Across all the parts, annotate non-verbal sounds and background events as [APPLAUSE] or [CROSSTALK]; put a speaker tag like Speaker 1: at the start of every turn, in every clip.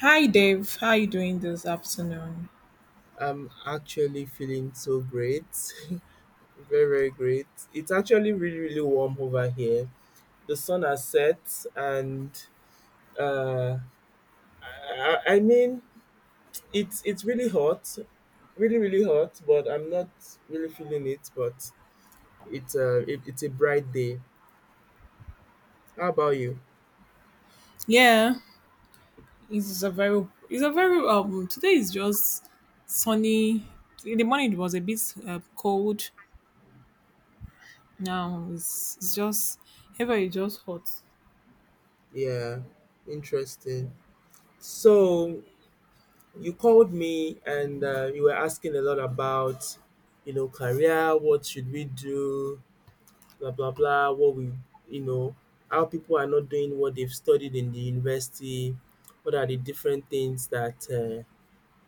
Speaker 1: Hi Dave, how are you doing this afternoon?
Speaker 2: I'm actually feeling so great. [LAUGHS] Very, very great. It's actually really, really warm over here. The sun has set, and uh, I mean, it's really hot, really, really hot. But I'm not really feeling it. But it's a bright day. How about you?
Speaker 1: Yeah, it's a very today is just sunny. In the morning it was a bit cold. Now it's just ever is just hot.
Speaker 2: Yeah, interesting. So you called me, and you were asking a lot about career. What should we do? Blah blah blah, what we you know, how people are not doing what they've studied in the university, what are the different things that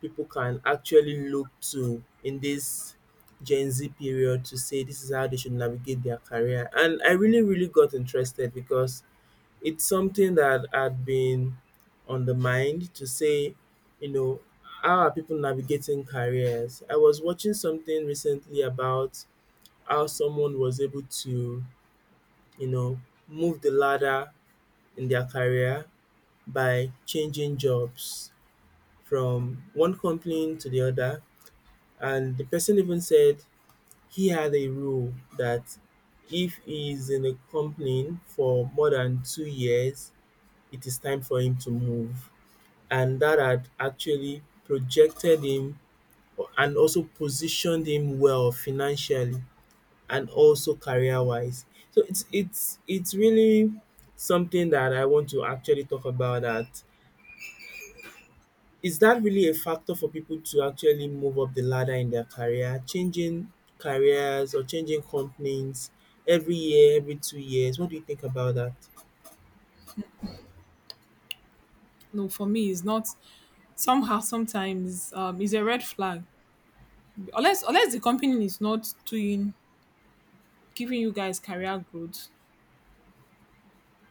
Speaker 2: people can actually look to in this Gen Z period to say this is how they should navigate their career. And I really, really got interested because it's something that had been on the mind to say, you know, how are people navigating careers? I was watching something recently about how someone was able to you know, move the ladder in their career by changing jobs from one company to the other. And the person even said he had a rule that if he is in a company for more than 2 years, it is time for him to move. And that had actually projected him and also positioned him well financially and also career wise. So it's really something that I want to actually talk about that. Is that really a factor for people to actually move up the ladder in their career, changing careers or changing companies every year, every 2 years? What do you think about that?
Speaker 1: No, for me it's not somehow sometimes it's a red flag. Unless the company is not doing giving you guys career growth.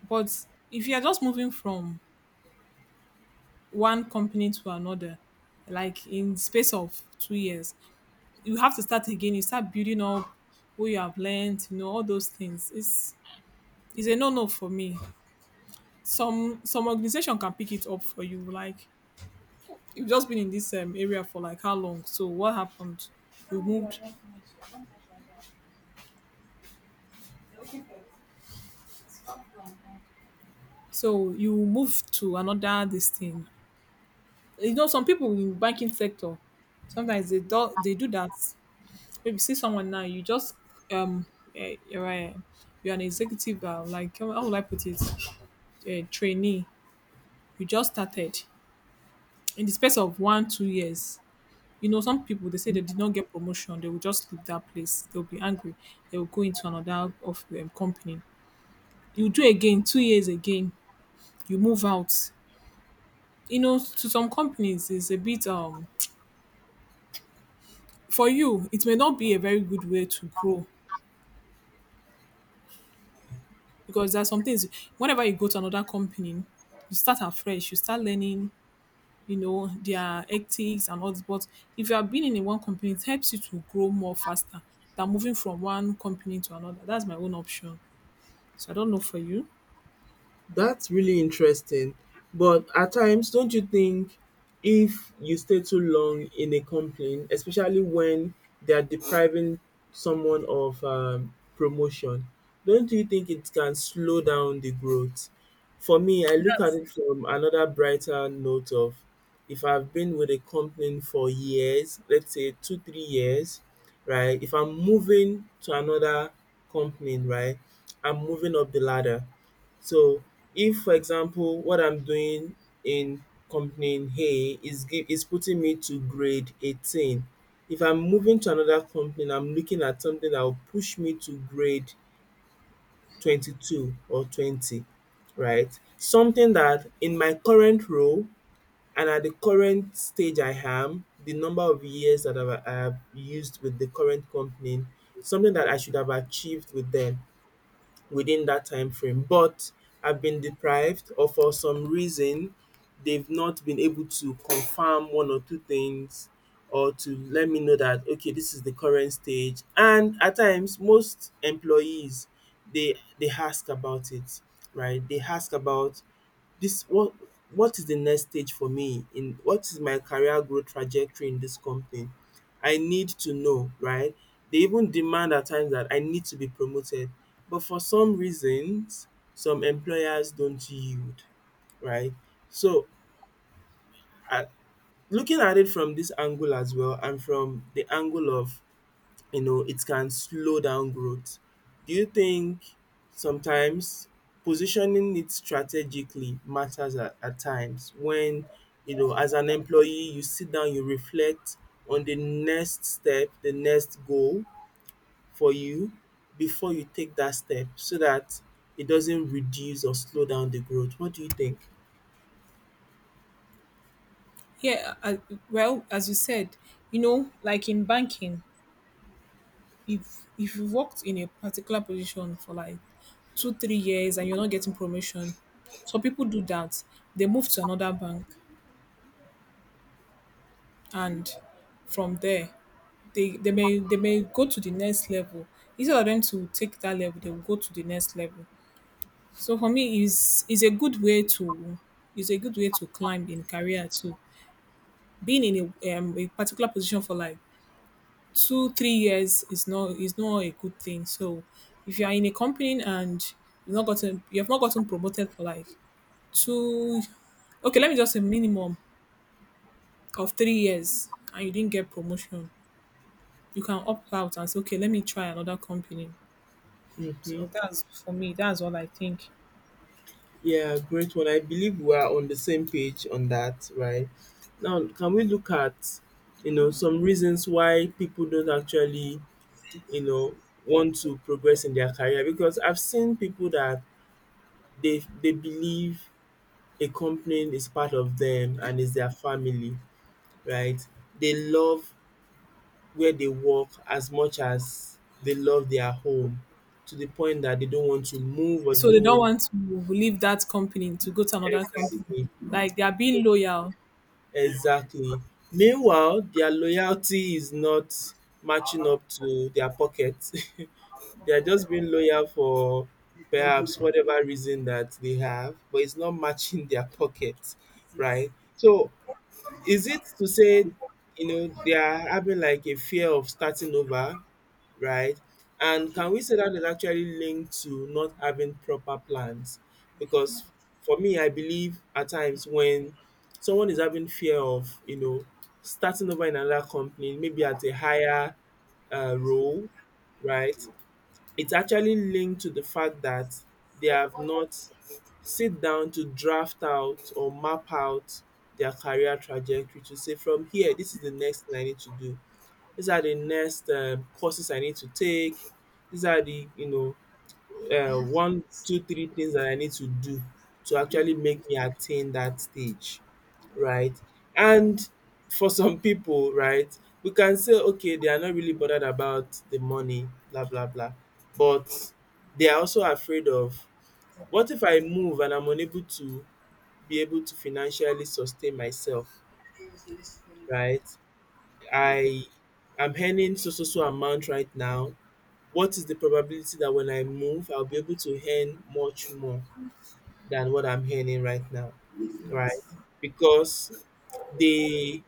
Speaker 1: But if you are just moving from one company to another like in the space of 2 years you have to start again. You start building up what you have learned, you know, all those things. It's a no no for me. Some organization can pick it up for you. Like you've just been in this area for like how long? So what happened? You moved. So you move to another this thing. You know, some people in banking sector sometimes they do that. Maybe see someone now, you just um you're you're an executive like how would I put it? A trainee we just started in the space of 1 2 years, you know, some people they say they did not get promotion, they will just leave that place, they'll be angry, they will go into another of company, you do again 2 years again, you move out. You know, to some companies it's a bit for you it may not be a very good way to grow because there are some things whenever you go to another company you start afresh, you start learning, you know, their ethics and all this. But if you have been in a one company, it helps you to grow more faster than moving from one company to another. That's my own option. So I don't know for you.
Speaker 2: That's really interesting. But at times, don't you think if you stay too long in a complaint, especially when they are depriving someone of promotion, don't you think it can slow down the growth? For me, I look at it from another brighter note of, if I've been with a company for years, let's say 2, 3 years, right? If I'm moving to another company, right? I'm moving up the ladder. So if, for example, what I'm doing in company A is is putting me to grade 18, if I'm moving to another company and I'm looking at something that will push me to grade 22 or 20, right? Something that in my current role and at the current stage I am, the number of years that I have used with the current company, something that I should have achieved with them within that time frame. But I've been deprived, or for some reason, they've not been able to confirm one or two things, or to let me know that, okay, this is the current stage. And at times, most employees they ask about it, right? They ask about this, what is the next stage for me, in what is my career growth trajectory in this company. I need to know, right? They even demand at times that I need to be promoted, but for some reasons some employers don't yield, right? So I, looking at it from this angle as well and from the angle of, it can slow down growth. Do you think sometimes positioning it strategically matters at times, when, as an employee, you sit down, you reflect on the next step, the next goal for you before you take that step so that it doesn't reduce or slow down the growth? What do you think?
Speaker 1: Yeah, well, as you said, you know, like in banking, if you worked in a particular position for like two, 3 years and you're not getting promotion, some people do that. They move to another bank and from there they may go to the next level. Instead of them to take that level, they will go to the next level. So for me, is a good way to is a good way to climb in career too. Being in a particular position for like 2 3 years is not a good thing. So if you are in a company and you have not gotten promoted for like two, okay, let me just say minimum of 3 years and you didn't get promotion, you can opt out and say, okay, let me try another company.
Speaker 2: Hmm.
Speaker 1: So that's for me. That's what I think.
Speaker 2: Yeah, great one. I believe we are on the same page on that, right? Now, can we look at some reasons why people don't actually, you know, want to progress in their career? Because I've seen people that they believe a company is part of them and is their family, right? They love where they work as much as they love their home, to the point that they don't want to move, or they
Speaker 1: So they
Speaker 2: don't
Speaker 1: don't
Speaker 2: want.
Speaker 1: want to leave that company to go to another company.
Speaker 2: Exactly.
Speaker 1: Like they are being loyal.
Speaker 2: Exactly. Meanwhile, their loyalty is not matching up to their pockets. [LAUGHS] They are just being loyal for perhaps whatever reason that they have, but it's not matching their pockets, right? So is it to say, they are having like a fear of starting over, right? And can we say that is actually linked to not having proper plans? Because for me, I believe at times when someone is having fear of starting over in another company, maybe at a higher role, right? It's actually linked to the fact that they have not sit down to draft out or map out their career trajectory, to say from here, this is the next thing I need to do. These are the next courses I need to take. These are the one, two, three things that I need to do to actually make me attain that stage, right? And for some [LAUGHS] people, right, we can say, okay, they are not really bothered about the money, blah, blah, blah. But they are also afraid of, what if I move and I'm unable to be able to financially sustain myself, right? I am earning so so so amount right now. What is the probability that when I move, I'll be able to earn much more than what I'm earning right now, right? Because the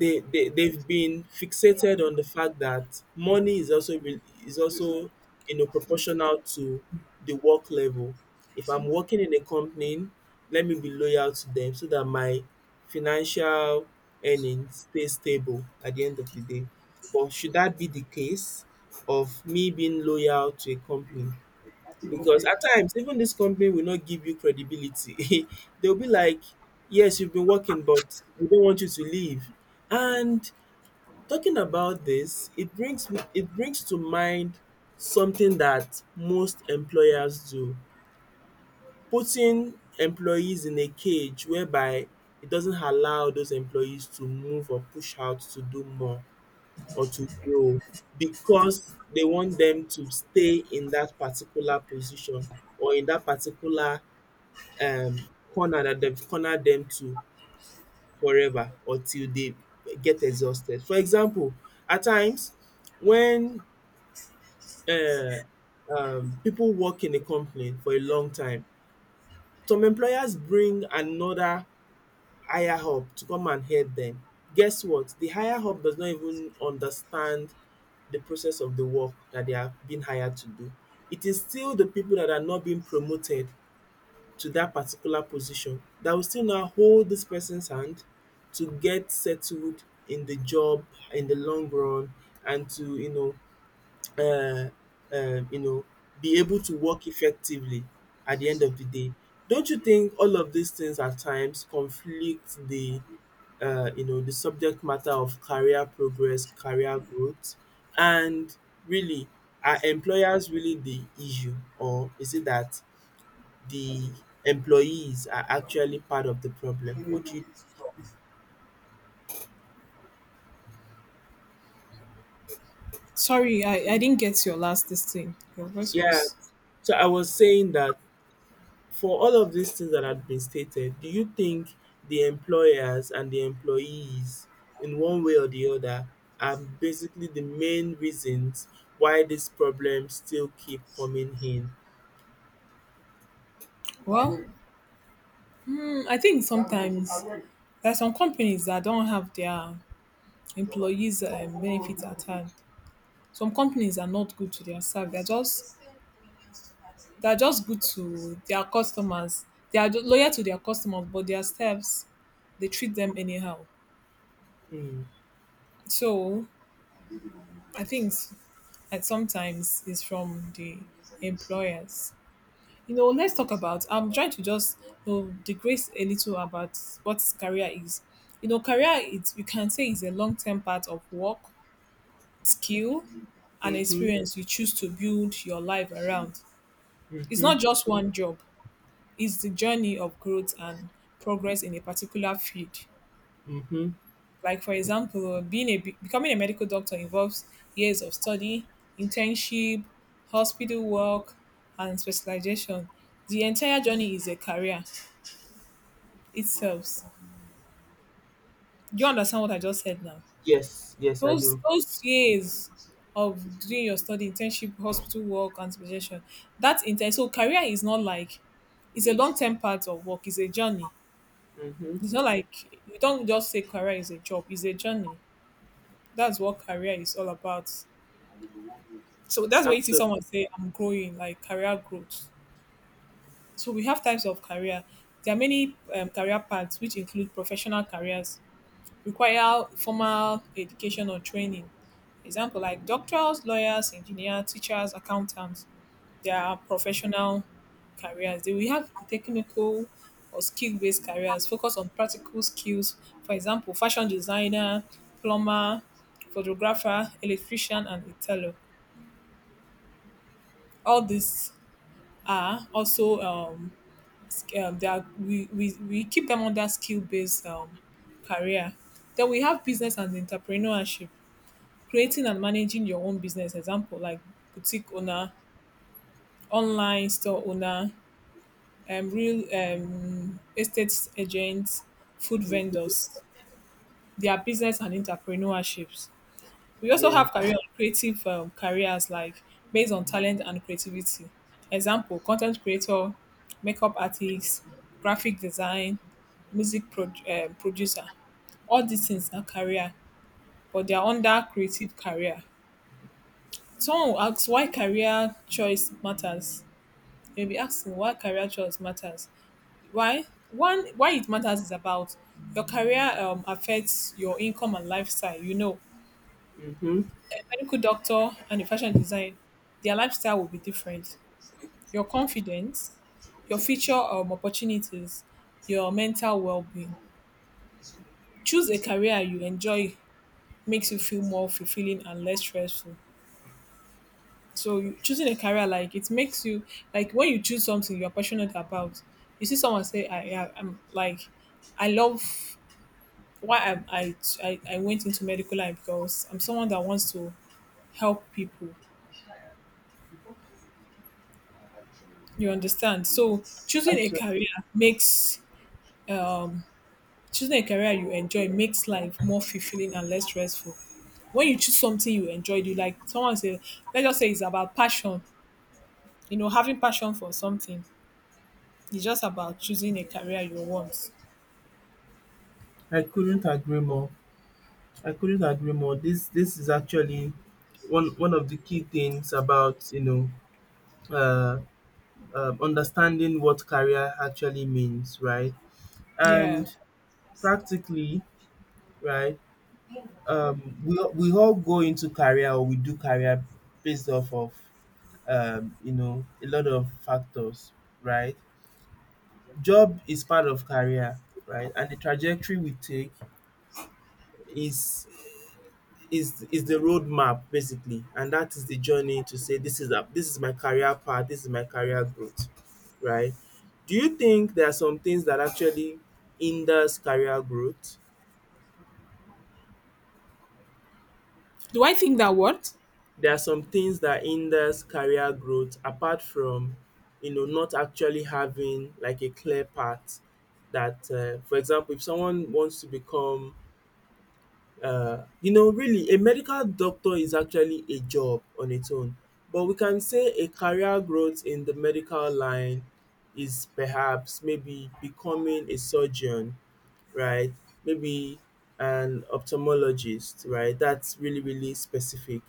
Speaker 2: they've been fixated on the fact that money is also proportional to the work level. If I'm working in a company, let me be loyal to them so that my financial earnings stay stable at the end of the day. But should that be the case, of me being loyal to a company, because at times even this company will not give you credibility? [LAUGHS] They'll be like, yes, you've been working, but we don't want you to leave. And talking about this, it brings to mind something that most employers do, putting employees in a cage whereby it doesn't allow those employees to move or push out to do more or to grow, because they want them to stay in that particular position or in that particular corner that they've cornered them to forever, or till they get exhausted. For example, at times when uh, people work in a company for a long time, some employers bring another higher up to come and help them. Guess what? The higher up does not even understand the process of the work that they are being hired to do. It is still the people that are not being promoted to that particular position that will still now hold this person's hand to get settled in the job in the long run, and to uh, um, you know, be able to work effectively at the end of the day. Don't you think all of these things at times conflict the the subject matter of career progress, career growth, and, really, are employers really the issue, or is it that the employees are actually part of the problem? What do you?
Speaker 1: Sorry, I didn't get your last this thing. Your voice
Speaker 2: Yeah.
Speaker 1: was
Speaker 2: So I was saying that, for all of these things that had been stated, do you think the employers and the employees, in one way or the other, are basically the main reasons why this problem still keep coming in?
Speaker 1: well. Hmm, I think sometimes there are some companies that don't have their employees' benefits at hand. Some companies are not good to their staff. They're just good to their customers. They are loyal to their customers, but their staffs they treat them anyhow.
Speaker 2: Mm.
Speaker 1: So I think at sometimes it's from the employers. You know, let's talk about. I'm trying to just, you know, digress a little about what career is. You know, career it's you can say is a long term part of work, skill, and
Speaker 2: Mm-hmm.
Speaker 1: experience you choose to build your life around. It's
Speaker 2: Mm-hmm.
Speaker 1: not just one job. It's the journey of growth and progress in a particular field.
Speaker 2: Mm-hmm.
Speaker 1: Like for example, being a becoming a medical doctor involves years of study, internship, hospital work, and specialization. The entire journey is a career itself. Do you understand what I just said now?
Speaker 2: Yes. Yes, I
Speaker 1: Those
Speaker 2: do.
Speaker 1: those years of doing your study, internship, hospital work, and specialization, that's intense. So career is not like, it's a long term part of work. It's a journey.
Speaker 2: Mm-hmm.
Speaker 1: It's not like, you don't just say career is a job. It's a journey. That's what career is all about. So that's where you see
Speaker 2: Absolutely.
Speaker 1: someone say, I'm growing, like career growth. So we have types of career. There are many career paths which include professional careers, require formal education or training. Example like doctors, lawyers, engineers, teachers, accountants. They are professional careers. Then we have technical or skill based careers, focus on practical skills. For example, fashion designer, plumber, photographer, electrician, and a tailor. All these are also they are, we keep them under skill based career. Then we have business and entrepreneurship, creating and managing your own business, example like boutique owner, online store owner, real estate agents, food vendors. They are business and entrepreneurships. We also
Speaker 2: Yeah.
Speaker 1: have career and creative careers like based on talent and creativity. Example, content creator, makeup artist, graphic design, music producer. All these things are career, but they are under creative career. Someone will ask why career choice matters. You'll be asking why career choice matters. Why? One, why it matters is about your career affects your income and lifestyle. You know,
Speaker 2: Mm-hmm.
Speaker 1: a medical doctor and a fashion design, their lifestyle will be different. Your confidence, your future opportunities, your mental well being. Choose a career you enjoy makes you feel more fulfilling and less stressful. So you, choosing a career like it makes you like when you choose something you're passionate about. You see someone say, I'm like, I love why I went into medical line because I'm someone that wants to help people. You understand? So choosing a
Speaker 2: Absolutely.
Speaker 1: career makes um choosing a career you enjoy makes life more fulfilling and less stressful. When you choose something you enjoy, you like someone say, let's just say it's about passion. You know, having passion for something. It's just about choosing a career you want.
Speaker 2: I couldn't agree more. I couldn't agree more. This is actually one of the key things about uh understanding what career actually means, right? And
Speaker 1: Yeah.
Speaker 2: practically, right, we all go into career or we do career based off of, a lot of factors, right? Job is part of career, right? And the trajectory we take is is the roadmap basically, and that is the journey, to say this is my career path, this is my career growth, right? Do you think there are some things that actually hinders career growth?
Speaker 1: Do I think that what?
Speaker 2: There are some things that hinders career growth apart from, not actually having like a clear path, that, for example, if someone wants to become really a medical doctor, is actually a job on its own, but we can say a career growth in the medical line is perhaps maybe becoming a surgeon, right? Maybe an ophthalmologist, right? That's really, really specific.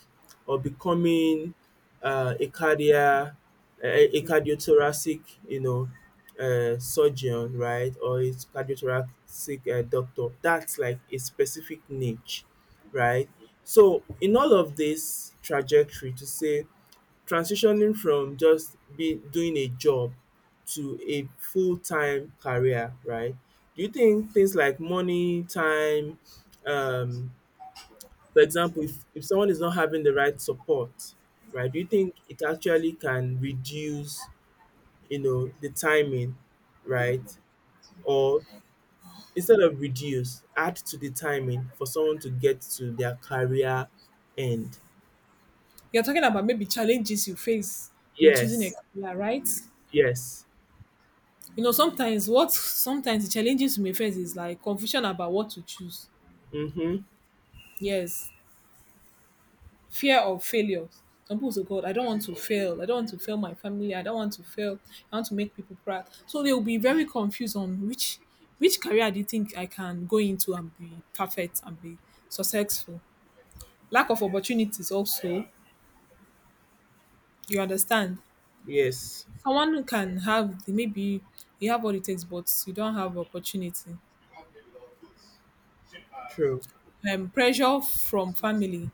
Speaker 2: Or becoming uh, a cardia, a cardiothoracic, you know, surgeon, right? Or a cardiothoracic doctor. That's like a specific niche, right? So in all of this trajectory, to say transitioning from just be doing a job to a full-time career, right? Do you think things like money, time, um, for example, if someone is not having the right support, right, do you think it actually can reduce, the timing, right? Or, instead of reduce, add to the timing for someone to get to their career end?
Speaker 1: You're talking about maybe challenges you face in choosing a
Speaker 2: Yes,
Speaker 1: career, right?
Speaker 2: yes.
Speaker 1: You know, sometimes what sometimes the challenges you may face is like confusion about what to choose.
Speaker 2: Mm-hmm.
Speaker 1: Yes. Fear of failure. Some people say, God, I don't want to fail. I don't want to fail my family. I don't want to fail. I want to make people proud. So they will be very confused on which career do you think I can go into and be perfect and be successful. Lack of opportunities also. You understand?
Speaker 2: Yes.
Speaker 1: Someone can have maybe you have all it takes, but you don't have opportunity.
Speaker 2: True.
Speaker 1: Pressure from family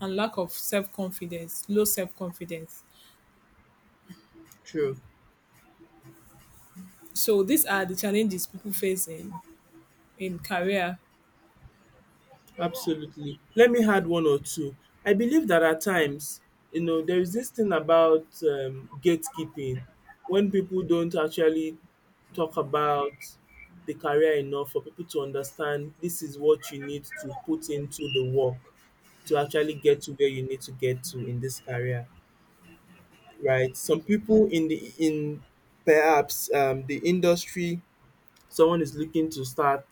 Speaker 1: and lack of self confidence, low self confidence.
Speaker 2: True.
Speaker 1: So these are the challenges people face in career
Speaker 2: Absolutely. Let me add one or two. I believe that at times, you know, there is this thing about gatekeeping when people don't actually talk about the career enough for people to understand this is what you need to put into the work to actually get to where you need to get to in this career, right? Some people in the in perhaps the industry someone is looking to start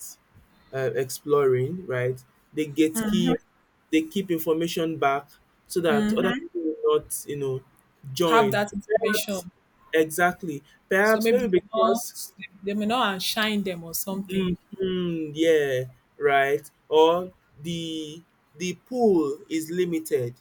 Speaker 2: exploring, right? They gatekeep, they keep information back so that other people will not, you know,
Speaker 1: have
Speaker 2: join.
Speaker 1: that
Speaker 2: Perhaps,
Speaker 1: information.
Speaker 2: exactly.
Speaker 1: So
Speaker 2: Perhaps
Speaker 1: maybe
Speaker 2: maybe because
Speaker 1: they may not outshine them or something.
Speaker 2: mhm, yeah, right. Or the the pool is limited,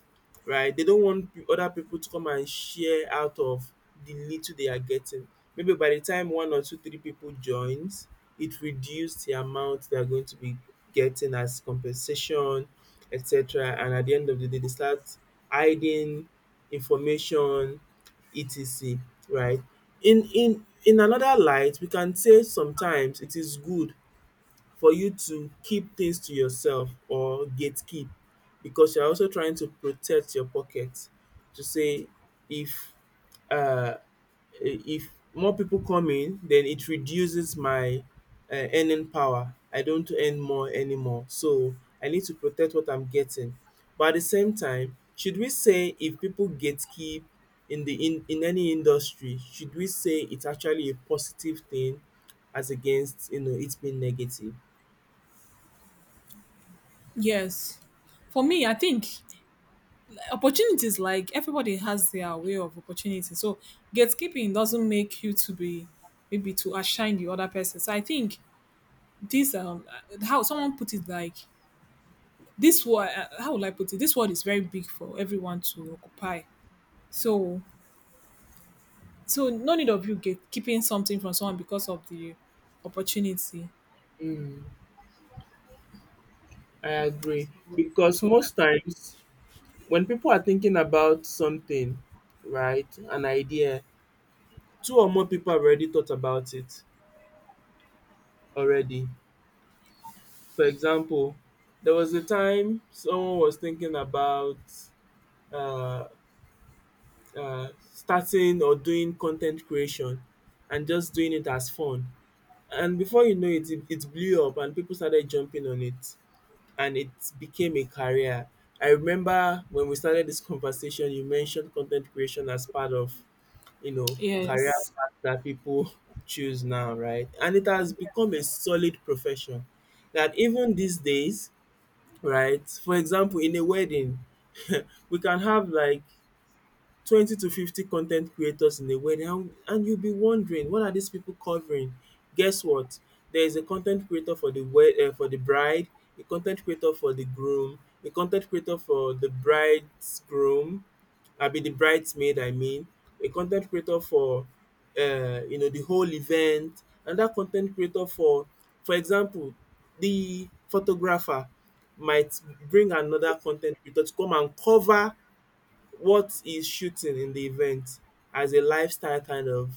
Speaker 2: right? They don't want other people to come and share out of the little they are getting. Maybe by the time one or two, three people joins, it reduced the amount they are going to be getting as compensation, etc. And at the end of the day, they start hiding information, etc. Right? In in another light, we can say sometimes it is good for you to keep things to yourself or gatekeep because you're also trying to protect your pocket to say if uh, if more people come in, then it reduces my earning power. I don't earn more anymore, so I need to protect what I'm getting. But at the same time, should we say if people gatekeep in in any industry, should we say it's actually a positive thing as against, you know, it's being negative?
Speaker 1: Yes. For me, I think opportunities like everybody has their way of opportunity. So gatekeeping doesn't make you to be maybe to outshine the other person. So I think this how someone put it like this word how will I put it? This word is very big for everyone to occupy. So so no need of you gatekeeping something from someone because of the opportunity.
Speaker 2: Mm, I agree. Because
Speaker 1: So
Speaker 2: most times when people are thinking about something, right, an idea, two or more people have already thought about it already. For example, there was a time someone was thinking about uh, starting or doing content creation and just doing it as fun. And before you know it, it blew up and people started jumping on it. And it became a career. I remember when we started this conversation, you mentioned content creation as part of, you know, career
Speaker 1: yes.
Speaker 2: path that people [LAUGHS] choose now, right? And it has become a solid profession that even these days, right? For example, in a wedding, [LAUGHS] we can have like 20 to 50 content creators in a wedding, and you'll be wondering what are these people covering. Guess what, there is a content creator for the wed for the bride, a content creator for the groom, a content creator for the bridegroom, abi the bridesmaid, I mean, a content creator for you know, the whole event, another con ten creator for example, the photographer might bring another content creator to come and cover what he's shooting in the event as a lifestyle kind of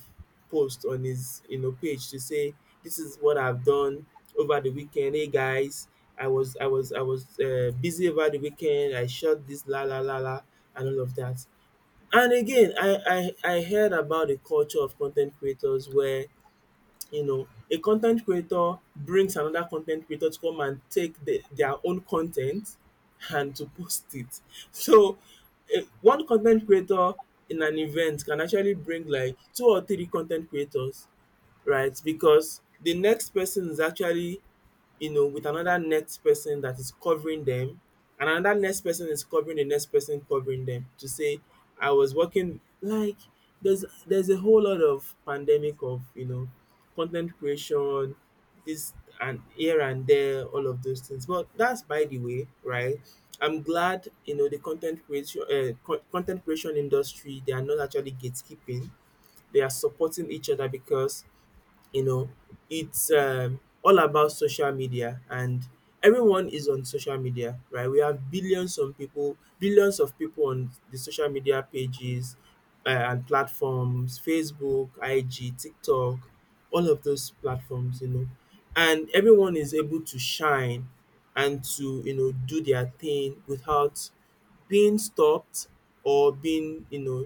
Speaker 2: post on his, you know, page to say, this is what I've done over the weekend. Hey guys, I was busy over the weekend. I shot this la la la la and all of that. And again, I heard about the culture of content creators where, you know, a content creator brings another content creator to come and take their own content and to post it. So eh, one content creator in an event can actually bring like two or three content creators, right? Because the next person is actually, you know, with another next person that is covering them, and another next person is covering the next person covering them to say, I was working like there's a whole lot of pandemic of, you know, content creation, this and here and there, all of those things. But that's by the way, right? I'm glad you know the content creation content creation industry. They are not actually gatekeeping, they are supporting each other because, you know, it's all about social media, and everyone is on social media. Right, we have billions of people, billions of people on the social media pages, and platforms, Facebook, IG, TikTok, all of those platforms, you know, and everyone is able to shine and to, you know, do their thing without being stopped or being, you know,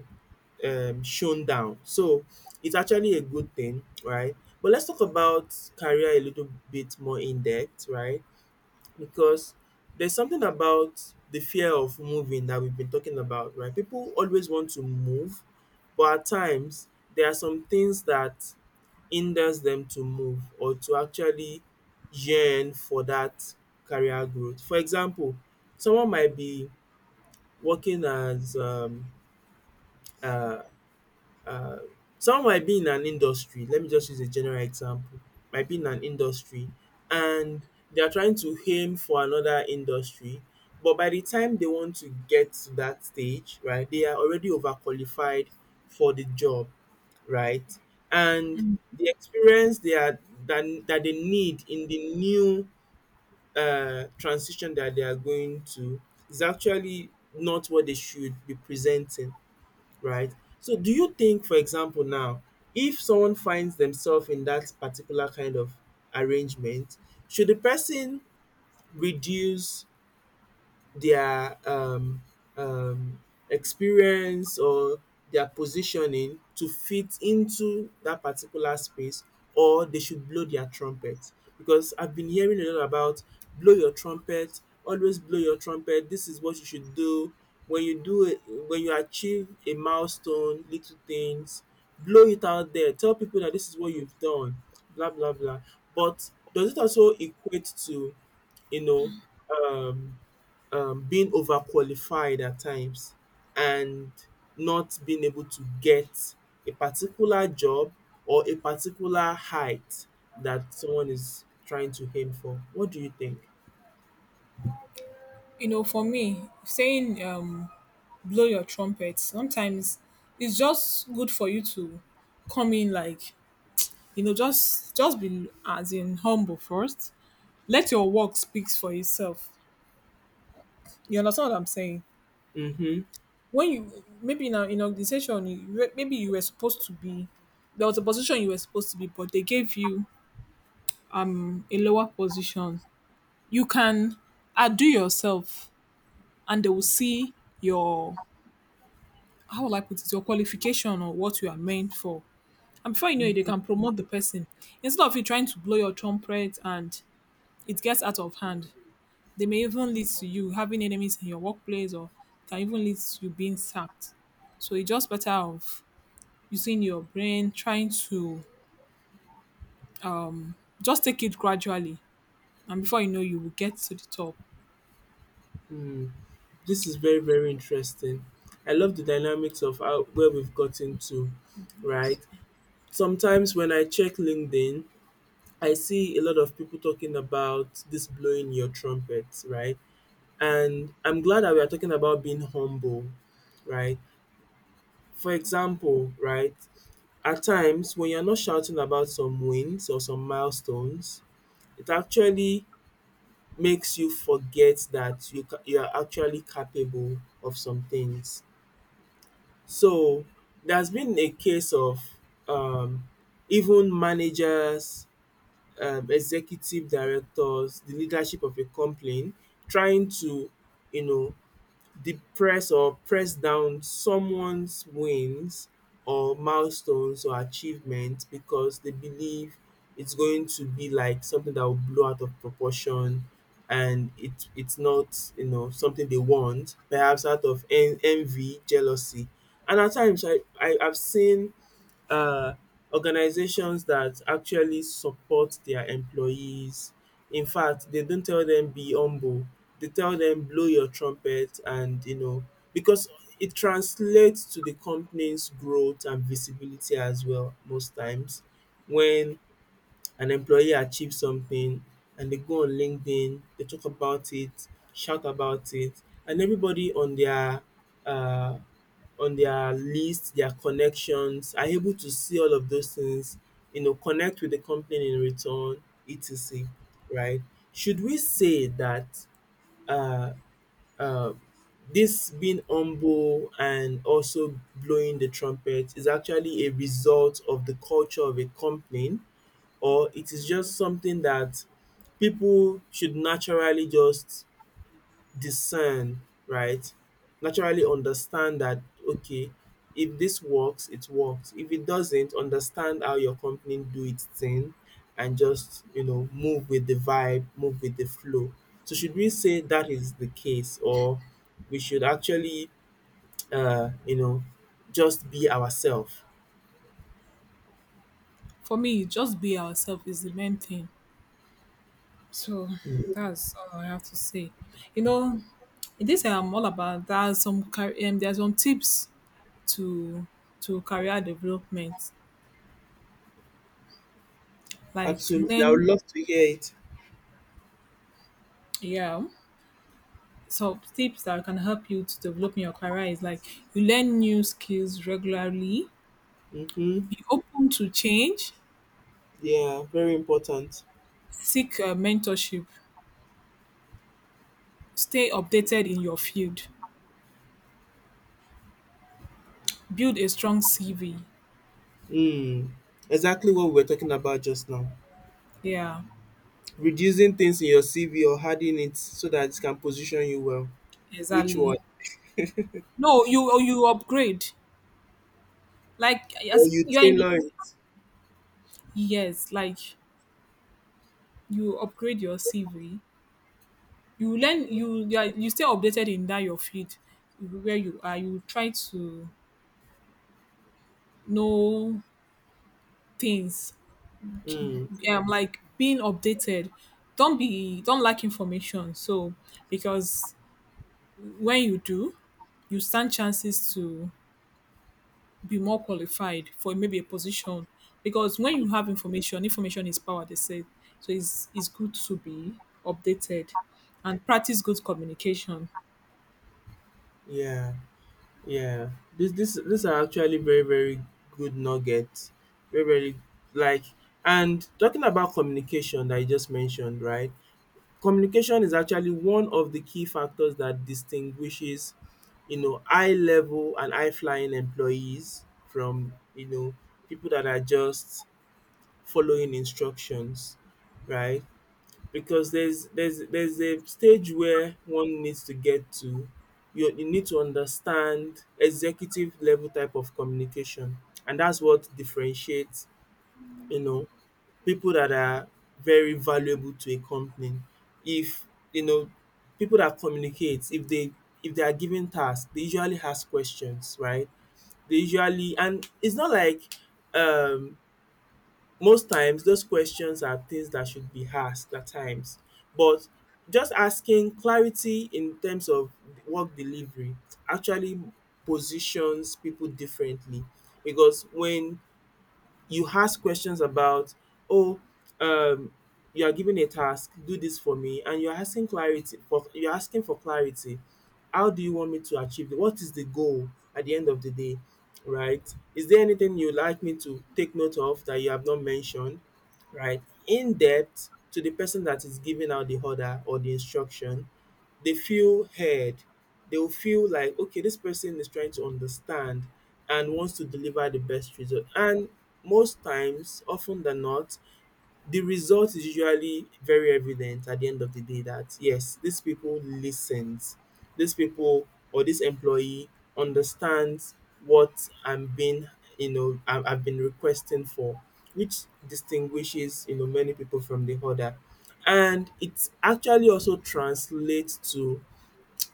Speaker 2: shown down. So it's actually a good thing, right? But let's talk about career a little bit more in depth, right? Because there's something about the fear of moving that we've been talking about, right? People always want to move, but at times there are some things that hinders them to move or to actually yearn for that career growth. For example, someone might be working as uh, um someone might be in an industry, let me just use a general example, might be in an industry and they are trying to aim for another industry, but by the time they want to get to that stage, right, they are already overqualified for the job, right? And the experience they are that, that they need in the new transition that they are going to is actually not what they should be presenting, right? So do you think, for example, now, if someone finds themselves in that particular kind of arrangement, should the person reduce their um experience or their positioning to fit into that particular space, or they should blow their trumpet? Because I've been hearing a lot about blow your trumpet, always blow your trumpet, this is what you should do. When you do it, when you achieve a milestone, little things, blow it out there, tell people that this is what you've done, blah blah blah. But does it also equate to, you know, um being overqualified at times and not being able to get a particular job or a particular height that someone is trying to aim for. What do you think?
Speaker 1: You know, for me, saying blow your trumpet, sometimes it's just good for you to come in like, you know, just be as in humble first. Let your work speaks for itself. You understand what I'm saying?
Speaker 2: Mm-hmm.
Speaker 1: When you maybe in an organization, you, maybe you were supposed to be there was a position you were supposed to be, but they gave you a lower position. You can outdo yourself, and they will see your how will I put it, your qualification or what you are meant for. And before you know it, they can promote the person. Instead of you trying to blow your trumpet and it gets out of hand, they may even lead to you having enemies in your workplace or can even lead to you being sacked. So it's just better of using your brain, trying to just take it gradually. And before you know, you will get to the top.
Speaker 2: Mm-hmm. This is very, very interesting. I love the dynamics of how where we've gotten to, right? Sometimes when I check LinkedIn, I see a lot of people talking about this blowing your trumpet, right? And I'm glad that we are talking about being humble, right? For example, right, at times when you're not shouting about some wins or some milestones, it actually makes you forget that you you are actually capable of some things. So there's been a case of um, even managers, executive directors, the leadership of a company trying to, you know, depress or press down someone's wins or milestones or achievements because they believe it's going to be like something that will blow out of proportion, and it's not, you know, something they want, perhaps out of envy, jealousy. And at times I've seen uh, organizations that actually support their employees. In fact, they don't tell them be humble. They tell them blow your trumpet. And you know, because it translates to the company's growth and visibility as well. Most times when an employee achieved something and they go on LinkedIn, they talk about it, shout about it, and everybody uh, on their list, their connections are able to see all of those things, you know, connect with the company in return, et cetera. Right? Should we say that uh, uh, this being humble and also blowing the trumpet is actually a result of the culture of a company, or it is just something that people should naturally just discern, right? Naturally understand that, okay, if this works, it works. If it doesn't, understand how your company do its thing, and just, you know, move with the vibe, move with the flow. So should we say that is the case, or we should actually, you know, just be ourselves?
Speaker 1: For me, just be ourselves is the main thing. So that's all I have to say. You know, in this I'm all about that. There are some tips to to career development. Like
Speaker 2: Absolutely. I would
Speaker 1: learn,
Speaker 2: love to hear it.
Speaker 1: yeah. So tips that can help you to develop in your career is like you learn new skills regularly,
Speaker 2: Hmm.
Speaker 1: be open to change,
Speaker 2: Yeah, very important.
Speaker 1: seek mentorship, stay updated in your field, build a strong CV.
Speaker 2: Mm, exactly what we were talking about just now.
Speaker 1: Yeah,
Speaker 2: Reducing things in your CV or adding it so that it can position you well. Which
Speaker 1: exactly.
Speaker 2: one?
Speaker 1: No, you upgrade. Like
Speaker 2: Or
Speaker 1: as
Speaker 2: you
Speaker 1: you're in the
Speaker 2: tailor it.
Speaker 1: yes, like you upgrade your CV, you learn, you, are, you stay updated in that your field where you are. You try to know things,
Speaker 2: Mm,
Speaker 1: like being updated. Don't be don't lack information. So because when you do, you stand chances to be more qualified for maybe a position, because when you have information, information is power, they say. So it's good to be updated and practice good communication.
Speaker 2: yeah, yeah. These are actually very, very good nuggets. Very, very like. And talking about communication that you just mentioned, right? Communication is actually one of the key factors that distinguishes, you know, high level and high flying employees from, you know, people that are just following instructions, right? Because there's a stage where one needs to get to. You need to understand executive level type of communication, and that's what differentiates, you know, people that are very valuable to a company. If, you know, people that communicate, if they, if they are given tasks, they usually ask questions, right? They usually, and it's not like um most times those questions are things that should be asked at times. But just asking clarity in terms of work delivery actually positions people differently. Because when you ask questions about oh um you are given a task, do this for me, and you're asking for clarity, how do you want me to achieve it, what is the goal at the end of the day, right? Is there anything you'd like me to take note of that you have not mentioned, right, in depth to the person that is giving out the order or the instruction, they feel heard. They'll feel like, okay, this person is trying to understand and wants to deliver the best result. And most times, often than not, the result is usually very evident at the end of the day that yes, these people listens. These people or this employee understands what I'm being, you know, I- I've been requesting for, which distinguishes, you know, many people from the other. And it actually also translates to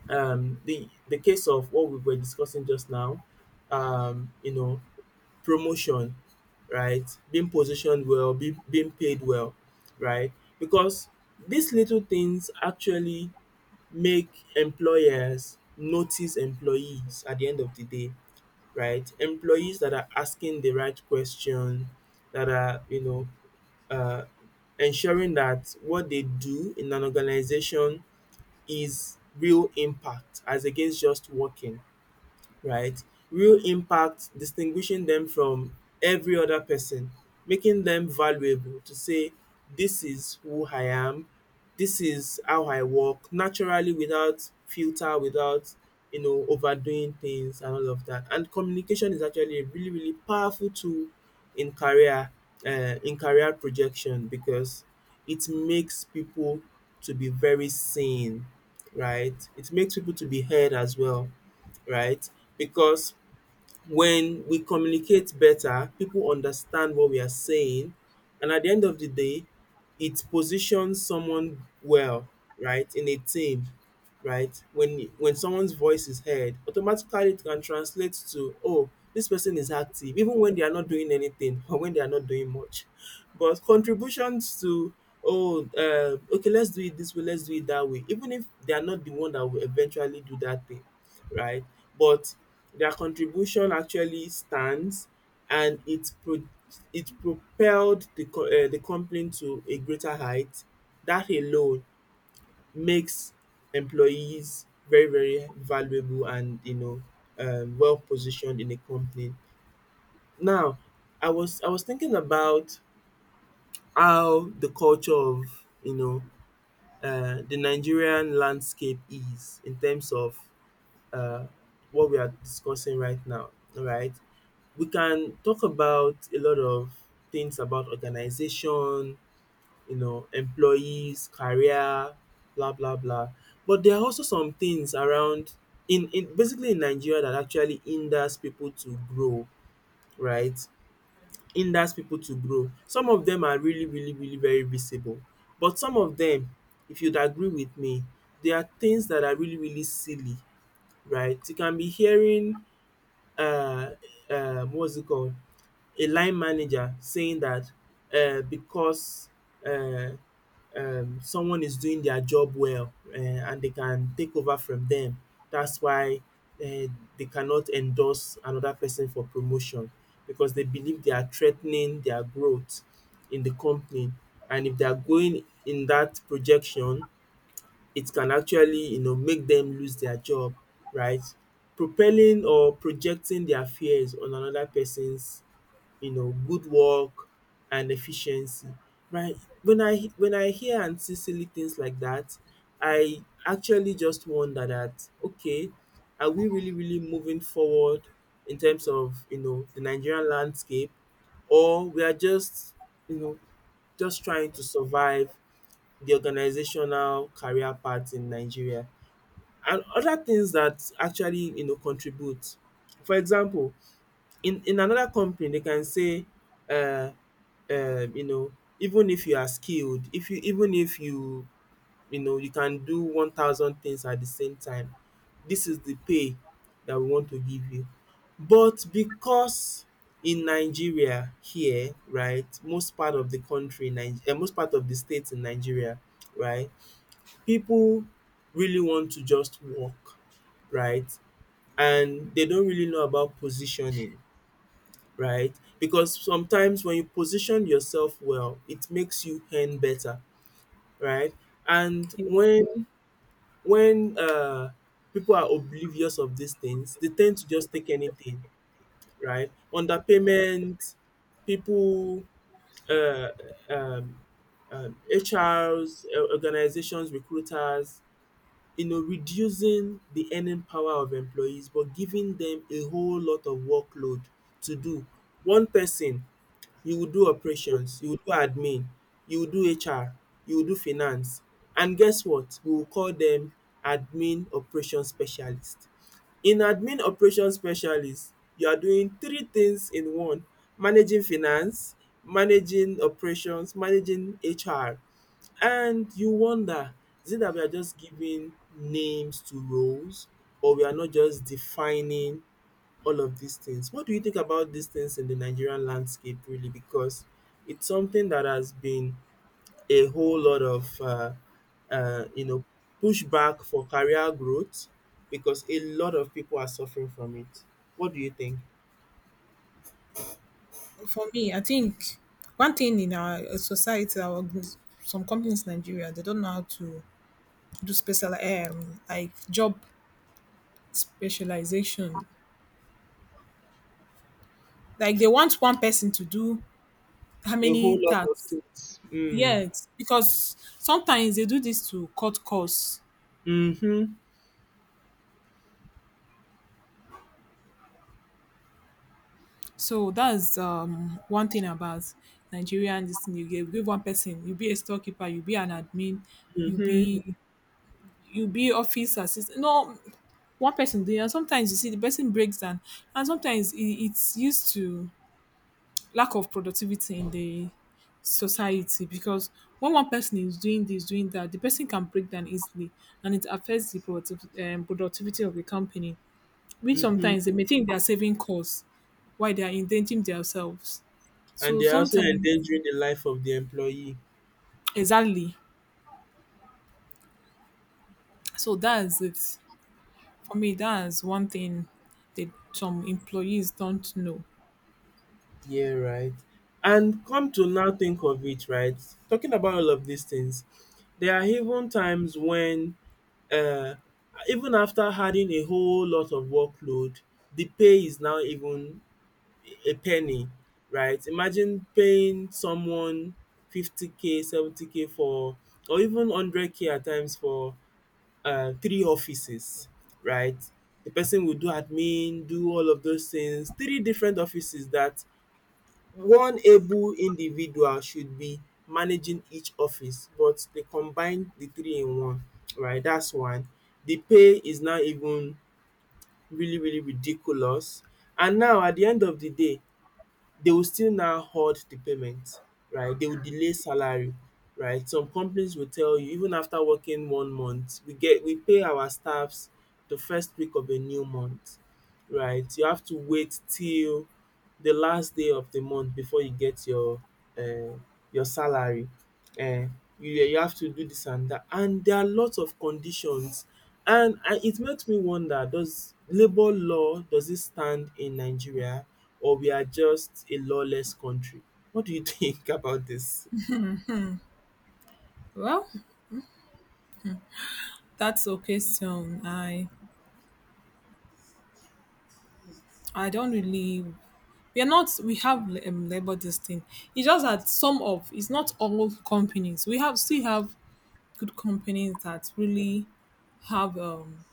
Speaker 2: the case of what we were discussing just now, you know, promotion, right? Being positioned well, being being paid well, right? Because these little things actually make employers notice employees at the end of the day, right? Employees that are asking the right question, that are uh ensuring that what they do in an organization is real impact as against just working, right? Real impact distinguishing them from every other person, making them valuable to say, this is who I am, this is how I work, naturally without filter, without you know overdoing things and all of that. And communication is actually a really really powerful tool in career projection because it makes people to be very seen, right? It makes people to be heard as well, right? Because when we communicate better, people understand what we are saying, and at the end of the day, it positions someone well, right, in a team, right? When someone's voice is heard, automatically it can translate to, oh, this person is active, even when they are not doing anything or when they are not doing much. But contributions to, oh, okay, let's do it this way, let's do it that way, even if they are not the one that will eventually do that thing, right? But their contribution actually stands, and it propelled the company to a greater height. That alone makes employees very very valuable and well positioned in a company. Now, I was thinking about how the culture of the Nigerian landscape is in terms of uh, what we are discussing right now, all right? We can talk about a lot of things about organization, you know, employees, career, blah blah blah. But there are also some things around in basically in Nigeria that actually hinders people to grow, right? Hinders people to grow. Some of them are really, really, really very visible. But some of them, if you'd agree with me, there are things that are really, really silly, right? You can be hearing uh, what's it called, a line manager saying that because uh, someone is doing their job well and they can take over from them, that's why uh, they cannot endorse another person for promotion because they believe they are threatening their growth in the company. And if they are going in that projection, it can actually you know make them lose their job, right? Propelling or projecting their fears on another person's you know good work and efficiency, right? When I hear and see silly things like that, I actually just wonder that, okay, are we really really moving forward in terms of you know the Nigerian landscape, or we are just you know just trying to survive the organizational career path in Nigeria and other things that actually you know contribute. For example, in another company they can say uh, you know, even if you are skilled, if you you know you can do 1,000 things at the same time, this is the pay that we want to give you. But because in Nigeria here, right, most part of the country Nige most part of the state in Nigeria, right, people really want to just walk, right? And they don't really know about positioning, right? Because sometimes when you position yourself well, it makes you earn better, right? And
Speaker 1: In-
Speaker 2: when people are oblivious of these things, they tend to just take anything, right? Underpayment, people, uh, um, H R's, organizations, recruiters, you know, reducing the earning power of employees but giving them a whole lot of workload to do. One person, you will do operations, you will do admin, you will do HR, you will do finance, and guess what? We will call them admin operation specialist. In admin operation specialist, you are doing three things in one: managing finance, managing operations, managing HR. And you wonder, is it that we are just giving names to roles or we are not just defining all of these things? What do you think about these things in the Nigerian landscape, really? Because it's something that has been a whole lot of, you know, pushback for career growth because a lot of people are suffering from it. What do you think?
Speaker 1: for me, I think one thing in our society, our some companies in Nigeria, they don't know how to do special like job specialization. Like they want one person to do how
Speaker 2: A
Speaker 1: many
Speaker 2: whole lot of
Speaker 1: tasks?
Speaker 2: things. Mm.
Speaker 1: Yes, because sometimes they do this to cut costs.
Speaker 2: Mm-hmm.
Speaker 1: So that's one thing about Nigerian, this thing you give. Give one person, you be a storekeeper, you be an admin, you
Speaker 2: Mm-hmm.
Speaker 1: be you be office assistant. No, one person doing. And sometimes you see the person breaks down, and sometimes it's used to lack of productivity in the society, because when one person is doing this, doing that, the person can break down easily, and it affects the productivity of the company. Which
Speaker 2: Mm-hmm.
Speaker 1: sometimes they may think they are saving costs while they are endangering themselves.
Speaker 2: And
Speaker 1: So
Speaker 2: they are also
Speaker 1: sometimes,
Speaker 2: endangering the life of the employee.
Speaker 1: exactly. So that's it. For me, that's one thing that some employees don't know.
Speaker 2: Yeah, right. And come to now think of it, right? Talking about all of these things, there are even times when, uh, even after adding a whole lot of workload, the pay is now even a penny, right? Imagine paying someone 50K, 70K for, or even 100K at times for three offices, right? The person will do admin, do all of those things, three different offices that one able individual should be managing each office, but they combine the three in one, right? That's one. The pay is now even really really ridiculous, and now at the end of the day they will still now hold the payment, right? They will delay salary, right? Some companies will tell you even after working one month, we pay our staffs the first week of a new month, right? You have to wait till the last day of the month before you get um your salary. um you, yeah, you have to do this and that, and there are lots of conditions. And it makes me wonder, does labor law, does it stand in Nigeria, or we are just a lawless country? What do you [LAUGHS] think about this?
Speaker 1: Well, that's a question. I don't really. We are not. We have labor this thing. It's just that some of. It's not all companies. We have still have good companies that really have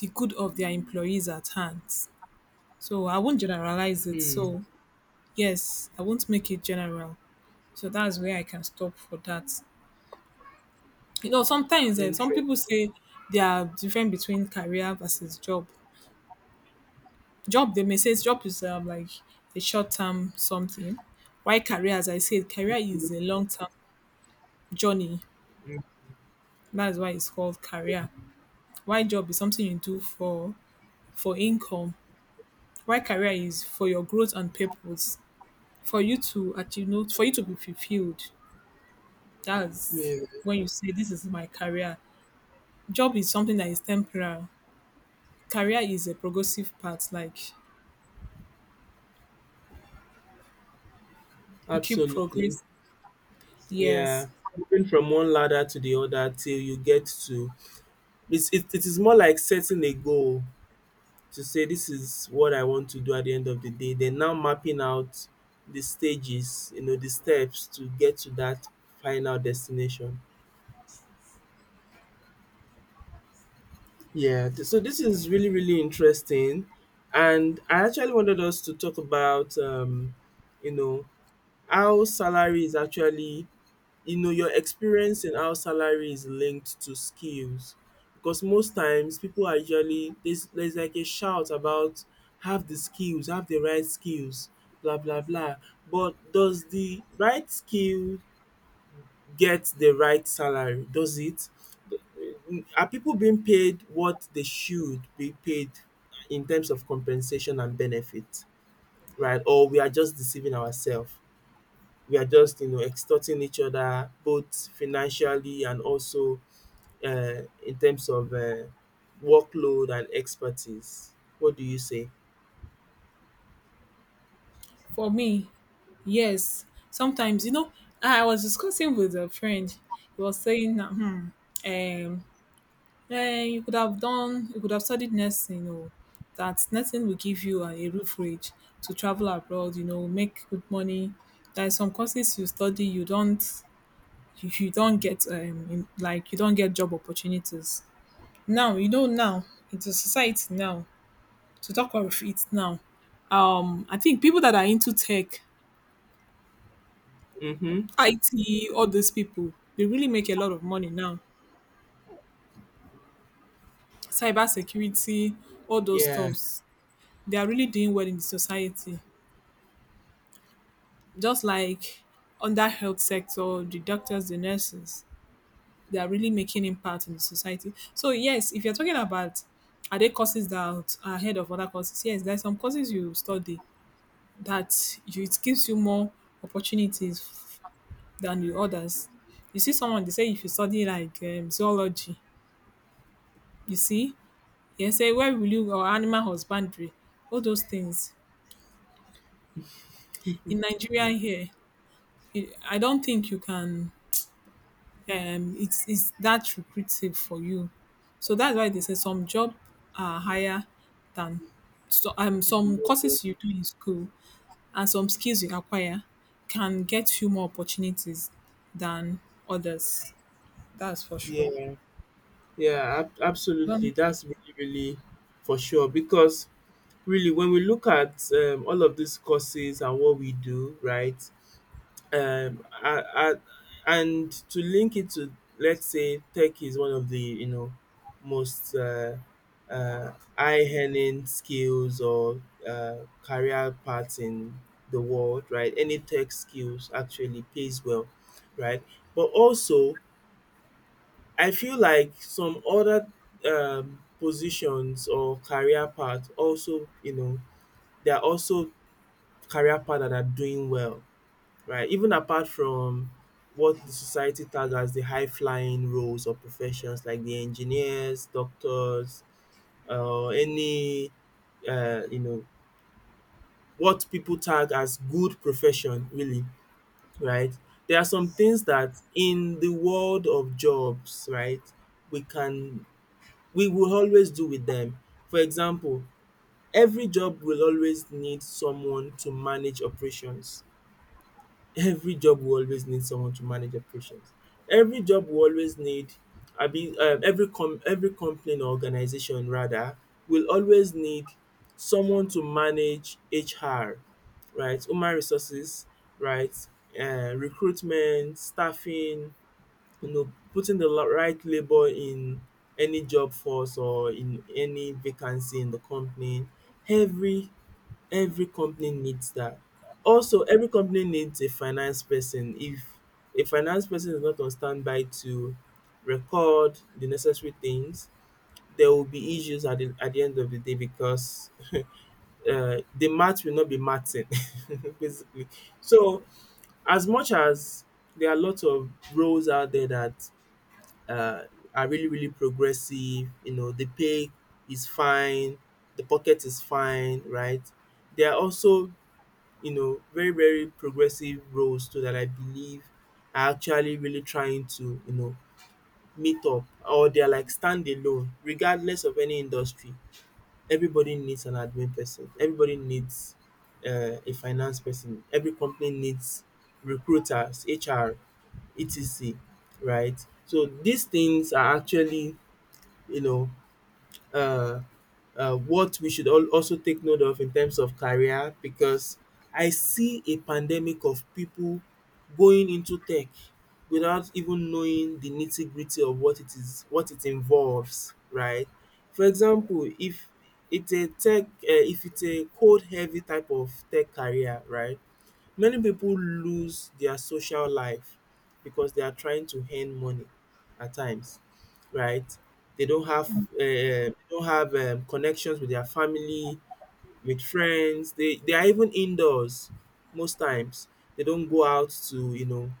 Speaker 1: the good of their employees at hand. So I won't generalize it.
Speaker 2: Hmm.
Speaker 1: So yes, I won't make it general. So that's where I can stop for that. You know, sometimes some
Speaker 2: Interest.
Speaker 1: people say there are different between career versus job. Job, they may say job is like a short term something. Why career? As I said, career is a long term journey.
Speaker 2: Mm,
Speaker 1: That's why it's called career. Why job is something you do for income. Why career is for your growth and purpose, for you to achieve, no, for you to be fulfilled.
Speaker 2: yeah.
Speaker 1: That's when you say this is my career. Job is something that is temporary. Career is a progressive path, like you keep
Speaker 2: Absolutely.
Speaker 1: progress,
Speaker 2: Yeah.
Speaker 1: yes.
Speaker 2: Moving from one ladder to the other till you get to, it is more like setting a goal to say this is what I want to do at the end of the day. Then now mapping out the stages, you know, the steps to get to that final destination. Yeah, so this is really, really interesting. And I actually wanted us to talk about, you know, how salary is actually you know, your experience in how salary is linked to skills. Because most times people are usually, there's like a shout about have the skills, have the right skills, blah blah blah. But does the right skill get the right salary? Does it? Are people being paid what they should be paid in terms of compensation and benefit, right, or we are just deceiving ourselves? We are just you know extorting each other both financially and also in terms of workload and expertise. What do you say?
Speaker 1: For me, yes, sometimes you know, I was discussing with a friend. He was saying that um you could have done, you could have studied nursing, or that nursing will give you a roof rate to travel abroad, you know, make good money. There are some courses you study, you don't, you don't get like, you don't get job opportunities now. You know, now it's a society now, to talk of it now, I think people that are into tech,
Speaker 2: Mm-hmm.
Speaker 1: IT, all those people, they really make a lot of money now. Cyber security, all those
Speaker 2: Yeah,
Speaker 1: stuffs, they are really doing well in the society. Just like on that health sector, the doctors, the nurses, they are really making impact in the society. So yes, if you're talking about, are there courses that are are ahead of other courses? Yes, there are some courses you study that you, it gives you more opportunities than the others. You see someone, they say if you study like zoology, you see, they say where will you, or animal husbandry, all those things. In Nigeria here, you- I don't think you can. It's that lucrative for you. So that's why they say some job are higher than. So, some courses you do in school and some skills you acquire can get you more opportunities than others. That's for sure.
Speaker 2: yeah, yeah. Absolutely. That's really, really for sure. Because really, when we look at all of these courses and what we do, right? um I, I, and to link it to, let's say, tech is one of the you know most uh, high earning skills or career paths in the world, right? Any tech skills actually pays well, right? But also I feel like some other positions or career paths also you know, there are also career paths that are doing well, right? Even apart from what the society tag as the high flying roles or professions like the engineers, doctors, uh, any, you know, what people tag as good profession, really, right? There are some things that in the world of jobs, right, we can, we will always do with them. For example, every job will always need someone to manage operations. Every job will always need someone to manage operations. Every job will always need, abi every com every company or organization rather will always need someone to manage HR, right, human resources, right, recruitment, staffing, you know, putting the right labour in any job force or in any vacancy in the company. Every every company needs that. Also, every company needs a finance person. If a finance person is not on standby to record the necessary things, there will be issues at at the end of the day, because [LAUGHS] the math will not be mathing, [LAUGHS] basically. So, as much as there are lots of roles out there that uh, are really, really progressive, the pay is fine, the pocket is fine, right? There are also very, very progressive roles too that I believe are actually really trying to meet up, or they're like standalone, regardless of any industry. Everybody needs an admin person. Everybody needs a finance person. Every company needs recruiters, HR, etc. Right? So these things are actually, you know, uh, what we should all also take note of in terms of career, because I see a pandemic of people going into tech without even knowing the nitty gritty of what it is, what it involves, right? For example, if it's a code heavy type of tech career, right? Many people lose their social life because they are trying to earn money at times, right? They don't have um they don't have connections with their family, with friends. They are even indoors most times. They don't go out to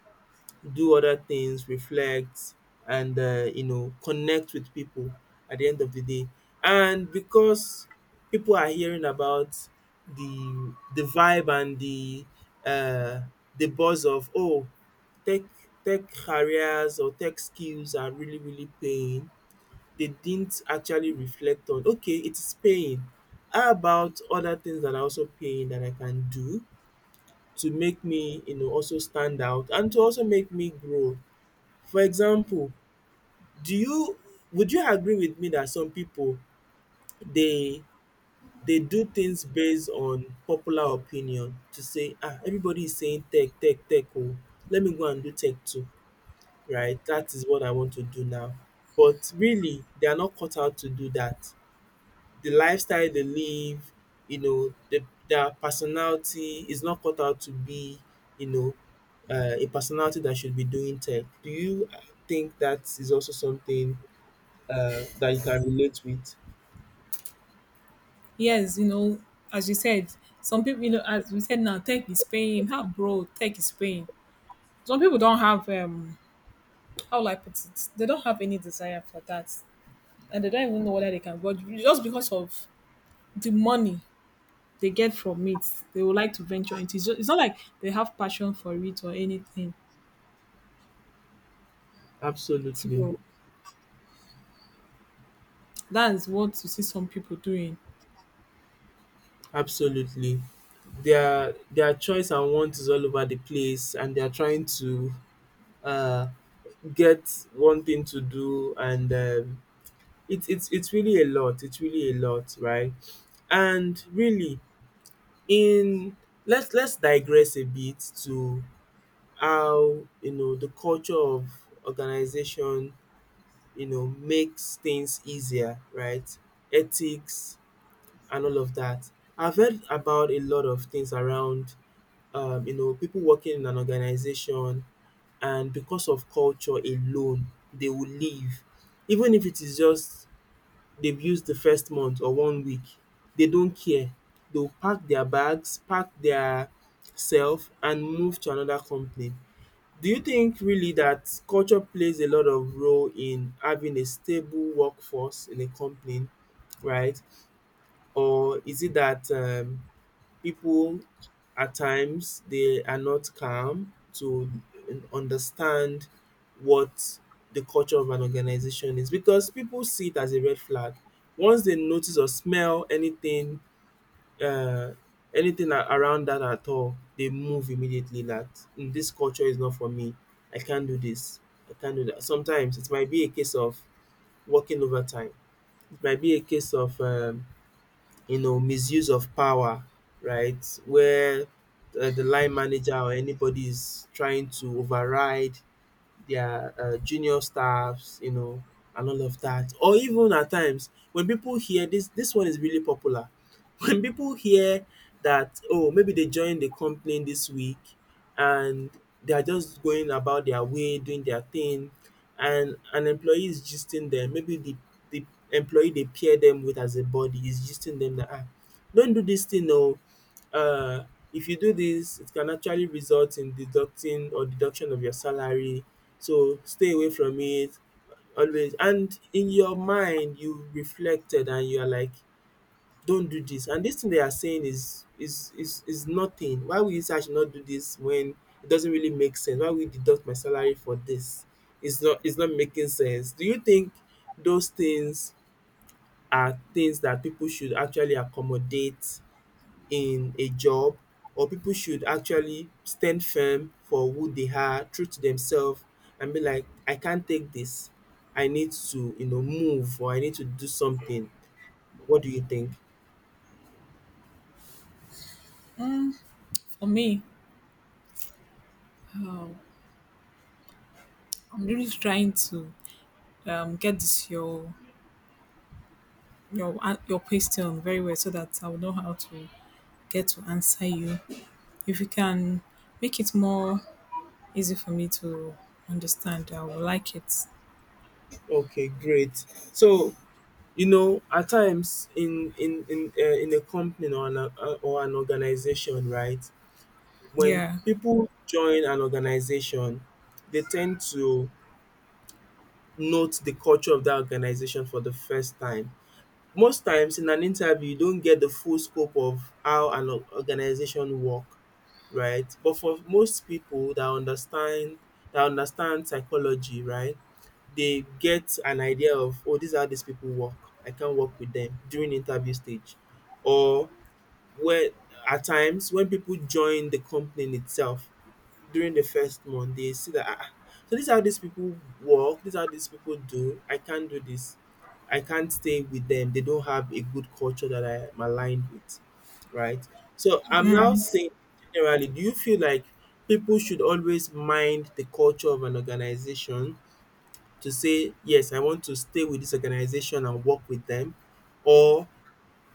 Speaker 2: do other things, reflect, and connect with people at the end of the day. And because people are hearing about the the vibe and uh, the buzz of, oh, tech tech careers or tech skills are really really paying. They didn't actually reflect on, okay, it is paying. How about other things that are also paying that I can do to make me also stand out and to also make me grow? For example, do you would you agree with me that some people, they they do things based on popular opinion to say, ah, everybody is saying tech, tech, tech, oh, let me go and do tech too, right? That is what I want to do now. But really, they are not cut out to do that. The lifestyle they live, their personality is not cut out to be, you know, a personality that should be doing tech. Do you think that is also something that you can relate with?
Speaker 1: Yes, you know, as you said, some people, you know, as we said now, tech is paying. How bro, tech is paying. Some people don't have, how will I put it? They don't have any desire for that. And they don't even know whether they can go. Just because of the money they get from it, they would like to venture into it. So it's not like they have passion for it or anything.
Speaker 2: Absolutely,
Speaker 1: So that's what you see some people doing.
Speaker 2: absolutely. Their choice and want is all over the place, and they are trying to uh, get one thing to do, and it's really a lot. It's really a lot, right? And really, in let's digress a bit to how the culture of organization makes things easier, right? Ethics and all of that. I've heard about a lot of things around, people working in an organization, and because of culture alone, they will leave. Even if it is just they've used the first month or one week, they don't care. They'll pack their bags, pack their self, and move to another company. Do you think really that culture plays a lot of role in having a stable workforce in a company, right? Or is it that people at times they are not calm to understand what the culture of an organization is, because people see it as a red flag? Once they notice or smell anything uh, around that at all, they move immediately. That "Mm, this culture is not for me. I can't do this, I can't do that." Sometimes it might be a case of working overtime. It might be a case of misuse of power, right? Where the line manager or anybody is trying to override their junior staffs, you know, and all of that. Or even at times when people hear this, this one is really popular. [LAUGHS] When people hear that, oh, maybe they joined the company this week and they are just going about their way, doing their thing, and an employee is gisting them. Maybe the employee they pair them with as a body is gisting them that, ah, don't do this thing. No, um if you do this, it can actually result in deducting or deduction of your salary, so stay away from it always. And in your mind, you reflected, and you are like, don't do this. And this thing they are saying is nothing. Why will you say I should not do this when it doesn't really make sense? Why will you deduct my salary for this? It's not making sense. Do you think those things are things that people should actually accommodate in a job, or people should actually stand firm for who they are, true to themselves, and be like, I can't take this. I need to, you know, move, or I need to do something. What do you think?
Speaker 1: Mm, for me, um, I'm really trying to get this your your question very well, so that I will know how to get to answer you. If you can make it more easy for me to understand, I will like it.
Speaker 2: Okay, great. So, you know, at times in a company or an organization, right? When
Speaker 1: Yeah,
Speaker 2: people join an organization, they tend to note the culture of that organization for the first time. Most times in an interview, you don't get the full scope of how an organization work, right? But for most people that understand psychology, right, they get an idea of, oh, these people work. I can work with them during interview stage. Or, where at times when people join the company itself, during the first month they see that, so this is how these people work, this is how these people do. I can't do this, I can't stay with them, they don't have a good culture that I am aligned with, right? So I'm now saying, generally, do you feel like people should always mind the culture of an organization to say, yes, I want to stay with this organization and work with them, or,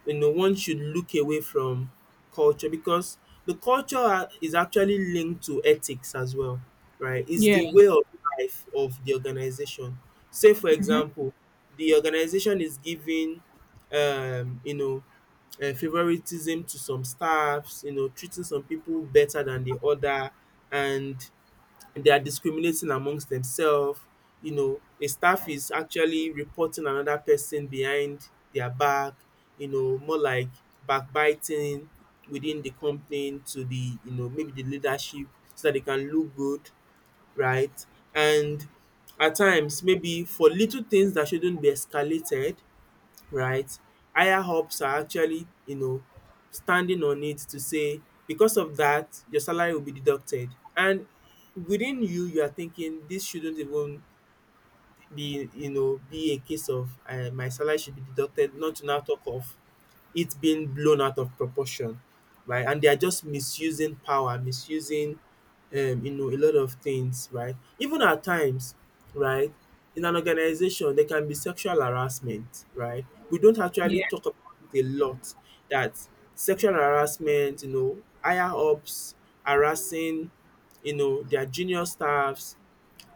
Speaker 2: you know, one should look away from culture, because the culture is actually linked to ethics as well, right? It's the
Speaker 1: yeah,
Speaker 2: way of life of the organization. Say, for example, the organization is giving, um, you know, favoritism to some staffs, you know, treating some people better than the other, and they are discriminating amongst themselves. You know, a staff is actually reporting another person behind their back, you know, more like backbiting within the company to the, you know, maybe the leadership, so that they can look good, right? And at times, maybe for little things that shouldn't be escalated, right, higher ups are actually, you know, standing on it to say, because of that, your salary will be deducted. And within you are thinking, this shouldn't even be you know be a case of my salary should be deducted, not to now talk of it being blown out of proportion, right? And they are just misusing power, misusing, a lot of things, right? Even at times, right, in an organization, there can be sexual harassment, right? We don't actually
Speaker 1: yeah.
Speaker 2: talk about it a lot. That sexual harassment, you know, higher ups harassing, you know, their junior staffs,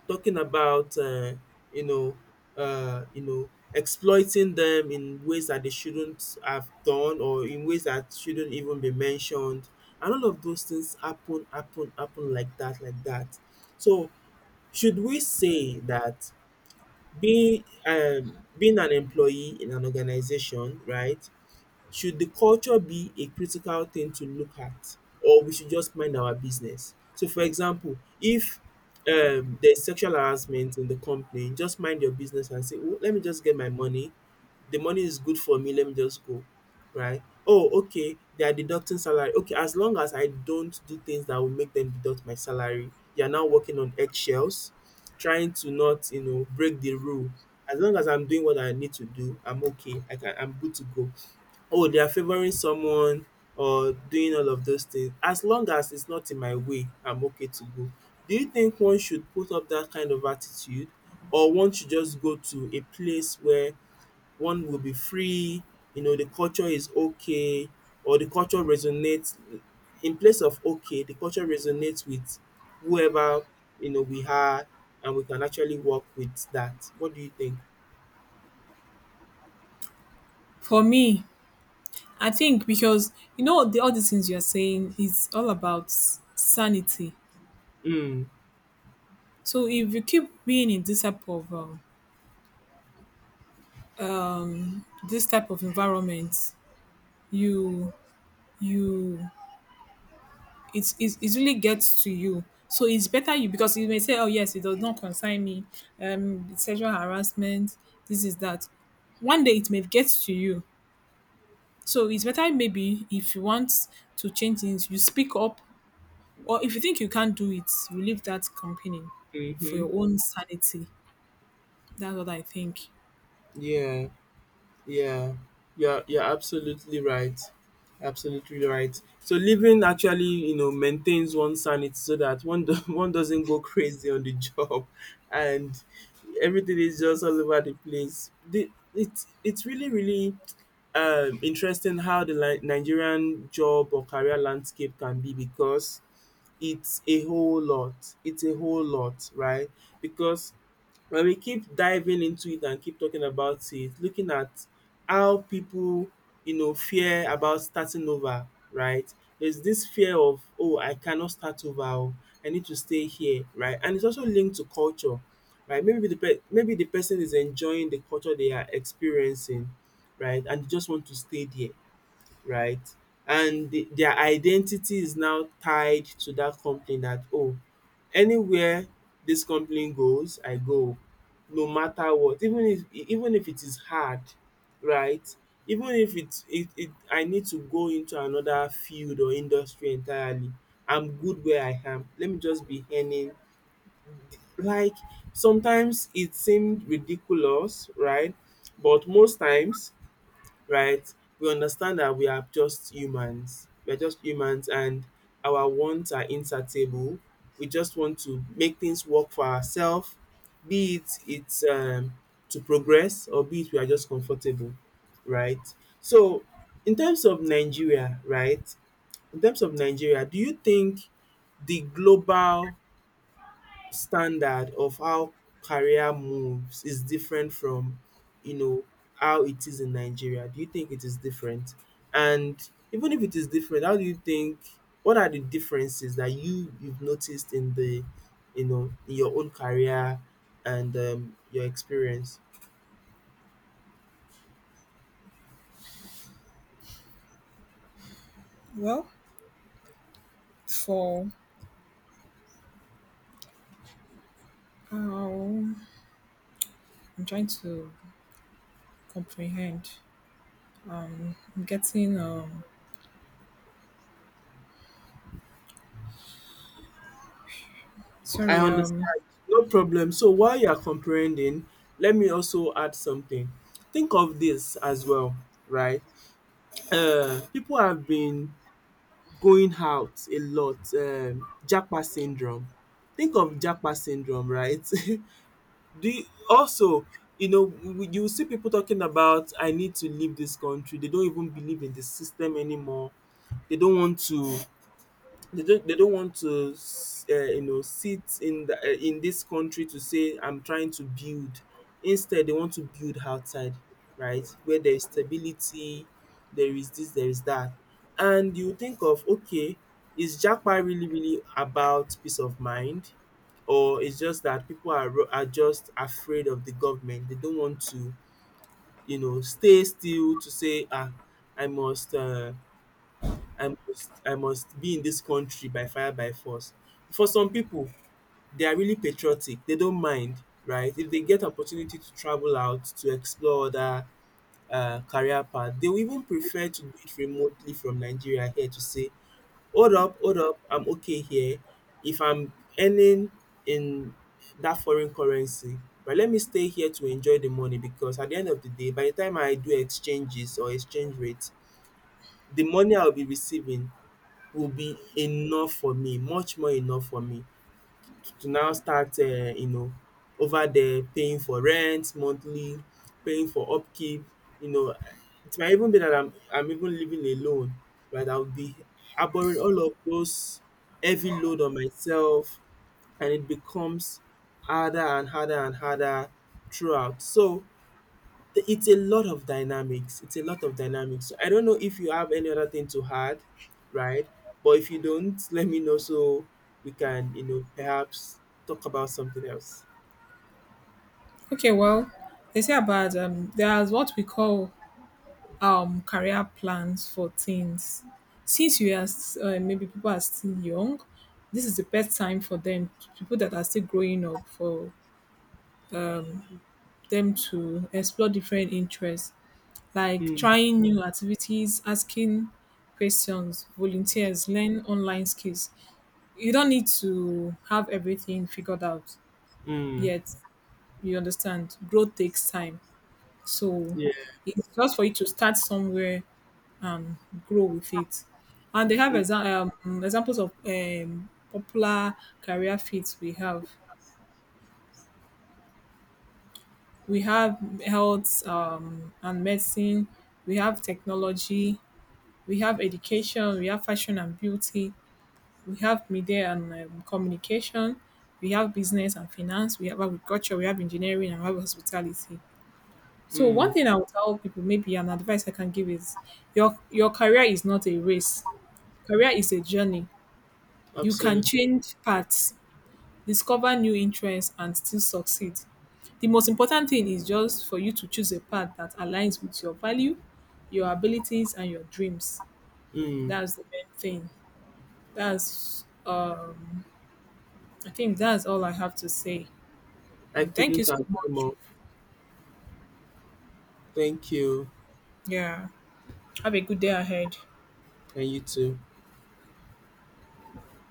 Speaker 2: talking about you know, exploiting them in ways that they shouldn't have done or in ways that shouldn't even be mentioned. And all of those things happen, happen, happen, like that, like that. So should we say that being an employee in an organization, right, should the culture be a critical thing to look at, or we should just mind our business? So for example, if there's sexual harassment in the company, just mind your business and say, "Oh, let me just get my money. The money is good for me, let me just go." Right? Oh, okay, they are deducting salary. Okay, as long as I don't do things that will make them deduct my salary, you are now working on eggshells, trying to not, you know, break the rule. As long as I'm doing what I need to do, I'm okay. I can, I'm good to go. Oh, they are favoring someone or doing all of those things. As long as it's not in my way, I'm okay to go. Do you think one should put up that kind of attitude, or one should just go to a place where one will be free, you know, the culture is okay, or the culture resonates? In place of, okay, the culture resonates with whoever, you know, we are, and we can actually work with that. What do you think?
Speaker 1: For me, I think because you know the all these things you are saying is all about sanity.
Speaker 2: Mm.
Speaker 1: So if you keep being in this type of environment, you you it really gets to you. So it's better you, because you may say, oh yes, it does not concern me. Sexual harassment, this is that. One day it may get to you. So it's better, maybe if you want to change things, you speak up, or if you think you can't do it, you leave that company for
Speaker 2: Mm-hmm.
Speaker 1: your own sanity. That's what I think.
Speaker 2: Yeah. Yeah, you're absolutely right. Absolutely right. So living actually, you know, maintains one's sanity, so that one do, [LAUGHS] one doesn't go crazy on the job, and everything is just all over the place. The, it's really really interesting how the Nigerian job or career landscape can be, because it's a whole lot. It's a whole lot, right? Because when we keep diving into it and keep talking about it, looking at how people, you know, fear about starting over, right? There's this fear of, oh, I cannot start over. Oh, I need to stay here, right? And it's also linked to culture, right? Maybe the person is enjoying the culture they are experiencing, right? And they just want to stay there, right? And their identity is now tied to that company, that, oh, anywhere this company goes, I go, no matter what, even if it is hard, right? Even if it, it, it I need to go into another field or industry entirely, I'm good where I am. Let me just be earning. Like, sometimes it seemed ridiculous, right? But most times, right? We understand that we are just humans. We're just humans and our wants are insatiable. We just want to make things work for ourselves, be it it's to progress, or be it we are just comfortable, right? So, in terms of Nigeria, right? In terms of Nigeria, do you think the global standard of how career moves is different from, you know, how it is in Nigeria? Do you think it is different? And even if it is different, how do you think, what are the differences that you've noticed in the, you know, in your own career and your experience?
Speaker 1: Well, for um, I'm trying to comprehend. I'm getting
Speaker 2: I
Speaker 1: sorry
Speaker 2: understand. No problem. So while you are comprehending, let me also add something. Think of this as well, right? People have been going out a lot, japa syndrome. Think of japa syndrome, right? [LAUGHS] Do you also, you know, you will see people talking about, I need to leave this country. They don't even believe in the system anymore. They don't want to, they don't want to, you know, sit in the in this country to say, I'm trying to build. Instead they want to build outside, right, where there is stability, there is this, there is that. And you think of, okay, is japa really really about peace of mind, or it's just that people are, are just afraid of the government? They don't want to, you know, stay still to say, ah, I must I must be in this country by fire by force. For some people, they are really patriotic. They don't mind, right? If they get opportunity to travel out to explore other career path, they will even prefer to do it remotely from Nigeria here to say, hold up, I'm okay here. If I'm earning in that foreign currency, but let me stay here to enjoy the money, because at the end of the day, by the time I do exchanges or exchange rates, the money I'll be receiving will be enough for me, much more enough for me, to now start you know, over there, paying for rent monthly, paying for upkeep. You know, it might even be that I'm even living alone, right? I will be harboring all of those heavy load on myself, and it becomes harder and harder and harder throughout. So it's a lot of dynamics. It's a lot of dynamics. So I don't know if you have any other thing to add, right? But if you don't, let me know so we can, you know, perhaps talk about something else.
Speaker 1: okay, well, they say about there's what we call career plans for teens. Since you are maybe people are still young, this is the best time for them, people that are still growing up, for them to explore different interests, like
Speaker 2: Mm,
Speaker 1: trying new activities, asking questions, volunteers, learn online skills. You don't need to have everything figured out
Speaker 2: mm,
Speaker 1: yet. You understand? Growth takes time. So
Speaker 2: yeah,
Speaker 1: it's just for you to start somewhere and grow with it. And they have
Speaker 2: mm,
Speaker 1: examples of popular career fields we have. We have health and medicine, we have technology, we have education, we have fashion and beauty, we have media and communication, we have business and finance, we have agriculture, we have engineering, and we have hospitality. So
Speaker 2: mm,
Speaker 1: one thing I would tell people, maybe an advice I can give is, your career is not a race. Career is a journey. You can
Speaker 2: absolutely.
Speaker 1: change paths, discover new interests, and still succeed. The most important thing is just for you to choose a path that aligns with your value, your abilities, and your dreams.
Speaker 2: Mm,
Speaker 1: That's the main thing. That's I think that's all I have to say.
Speaker 2: I
Speaker 1: And thank you
Speaker 2: couldn't
Speaker 1: so
Speaker 2: agree
Speaker 1: much.
Speaker 2: more. Thank you,
Speaker 1: Yeah. Have a good day ahead.
Speaker 2: and you too.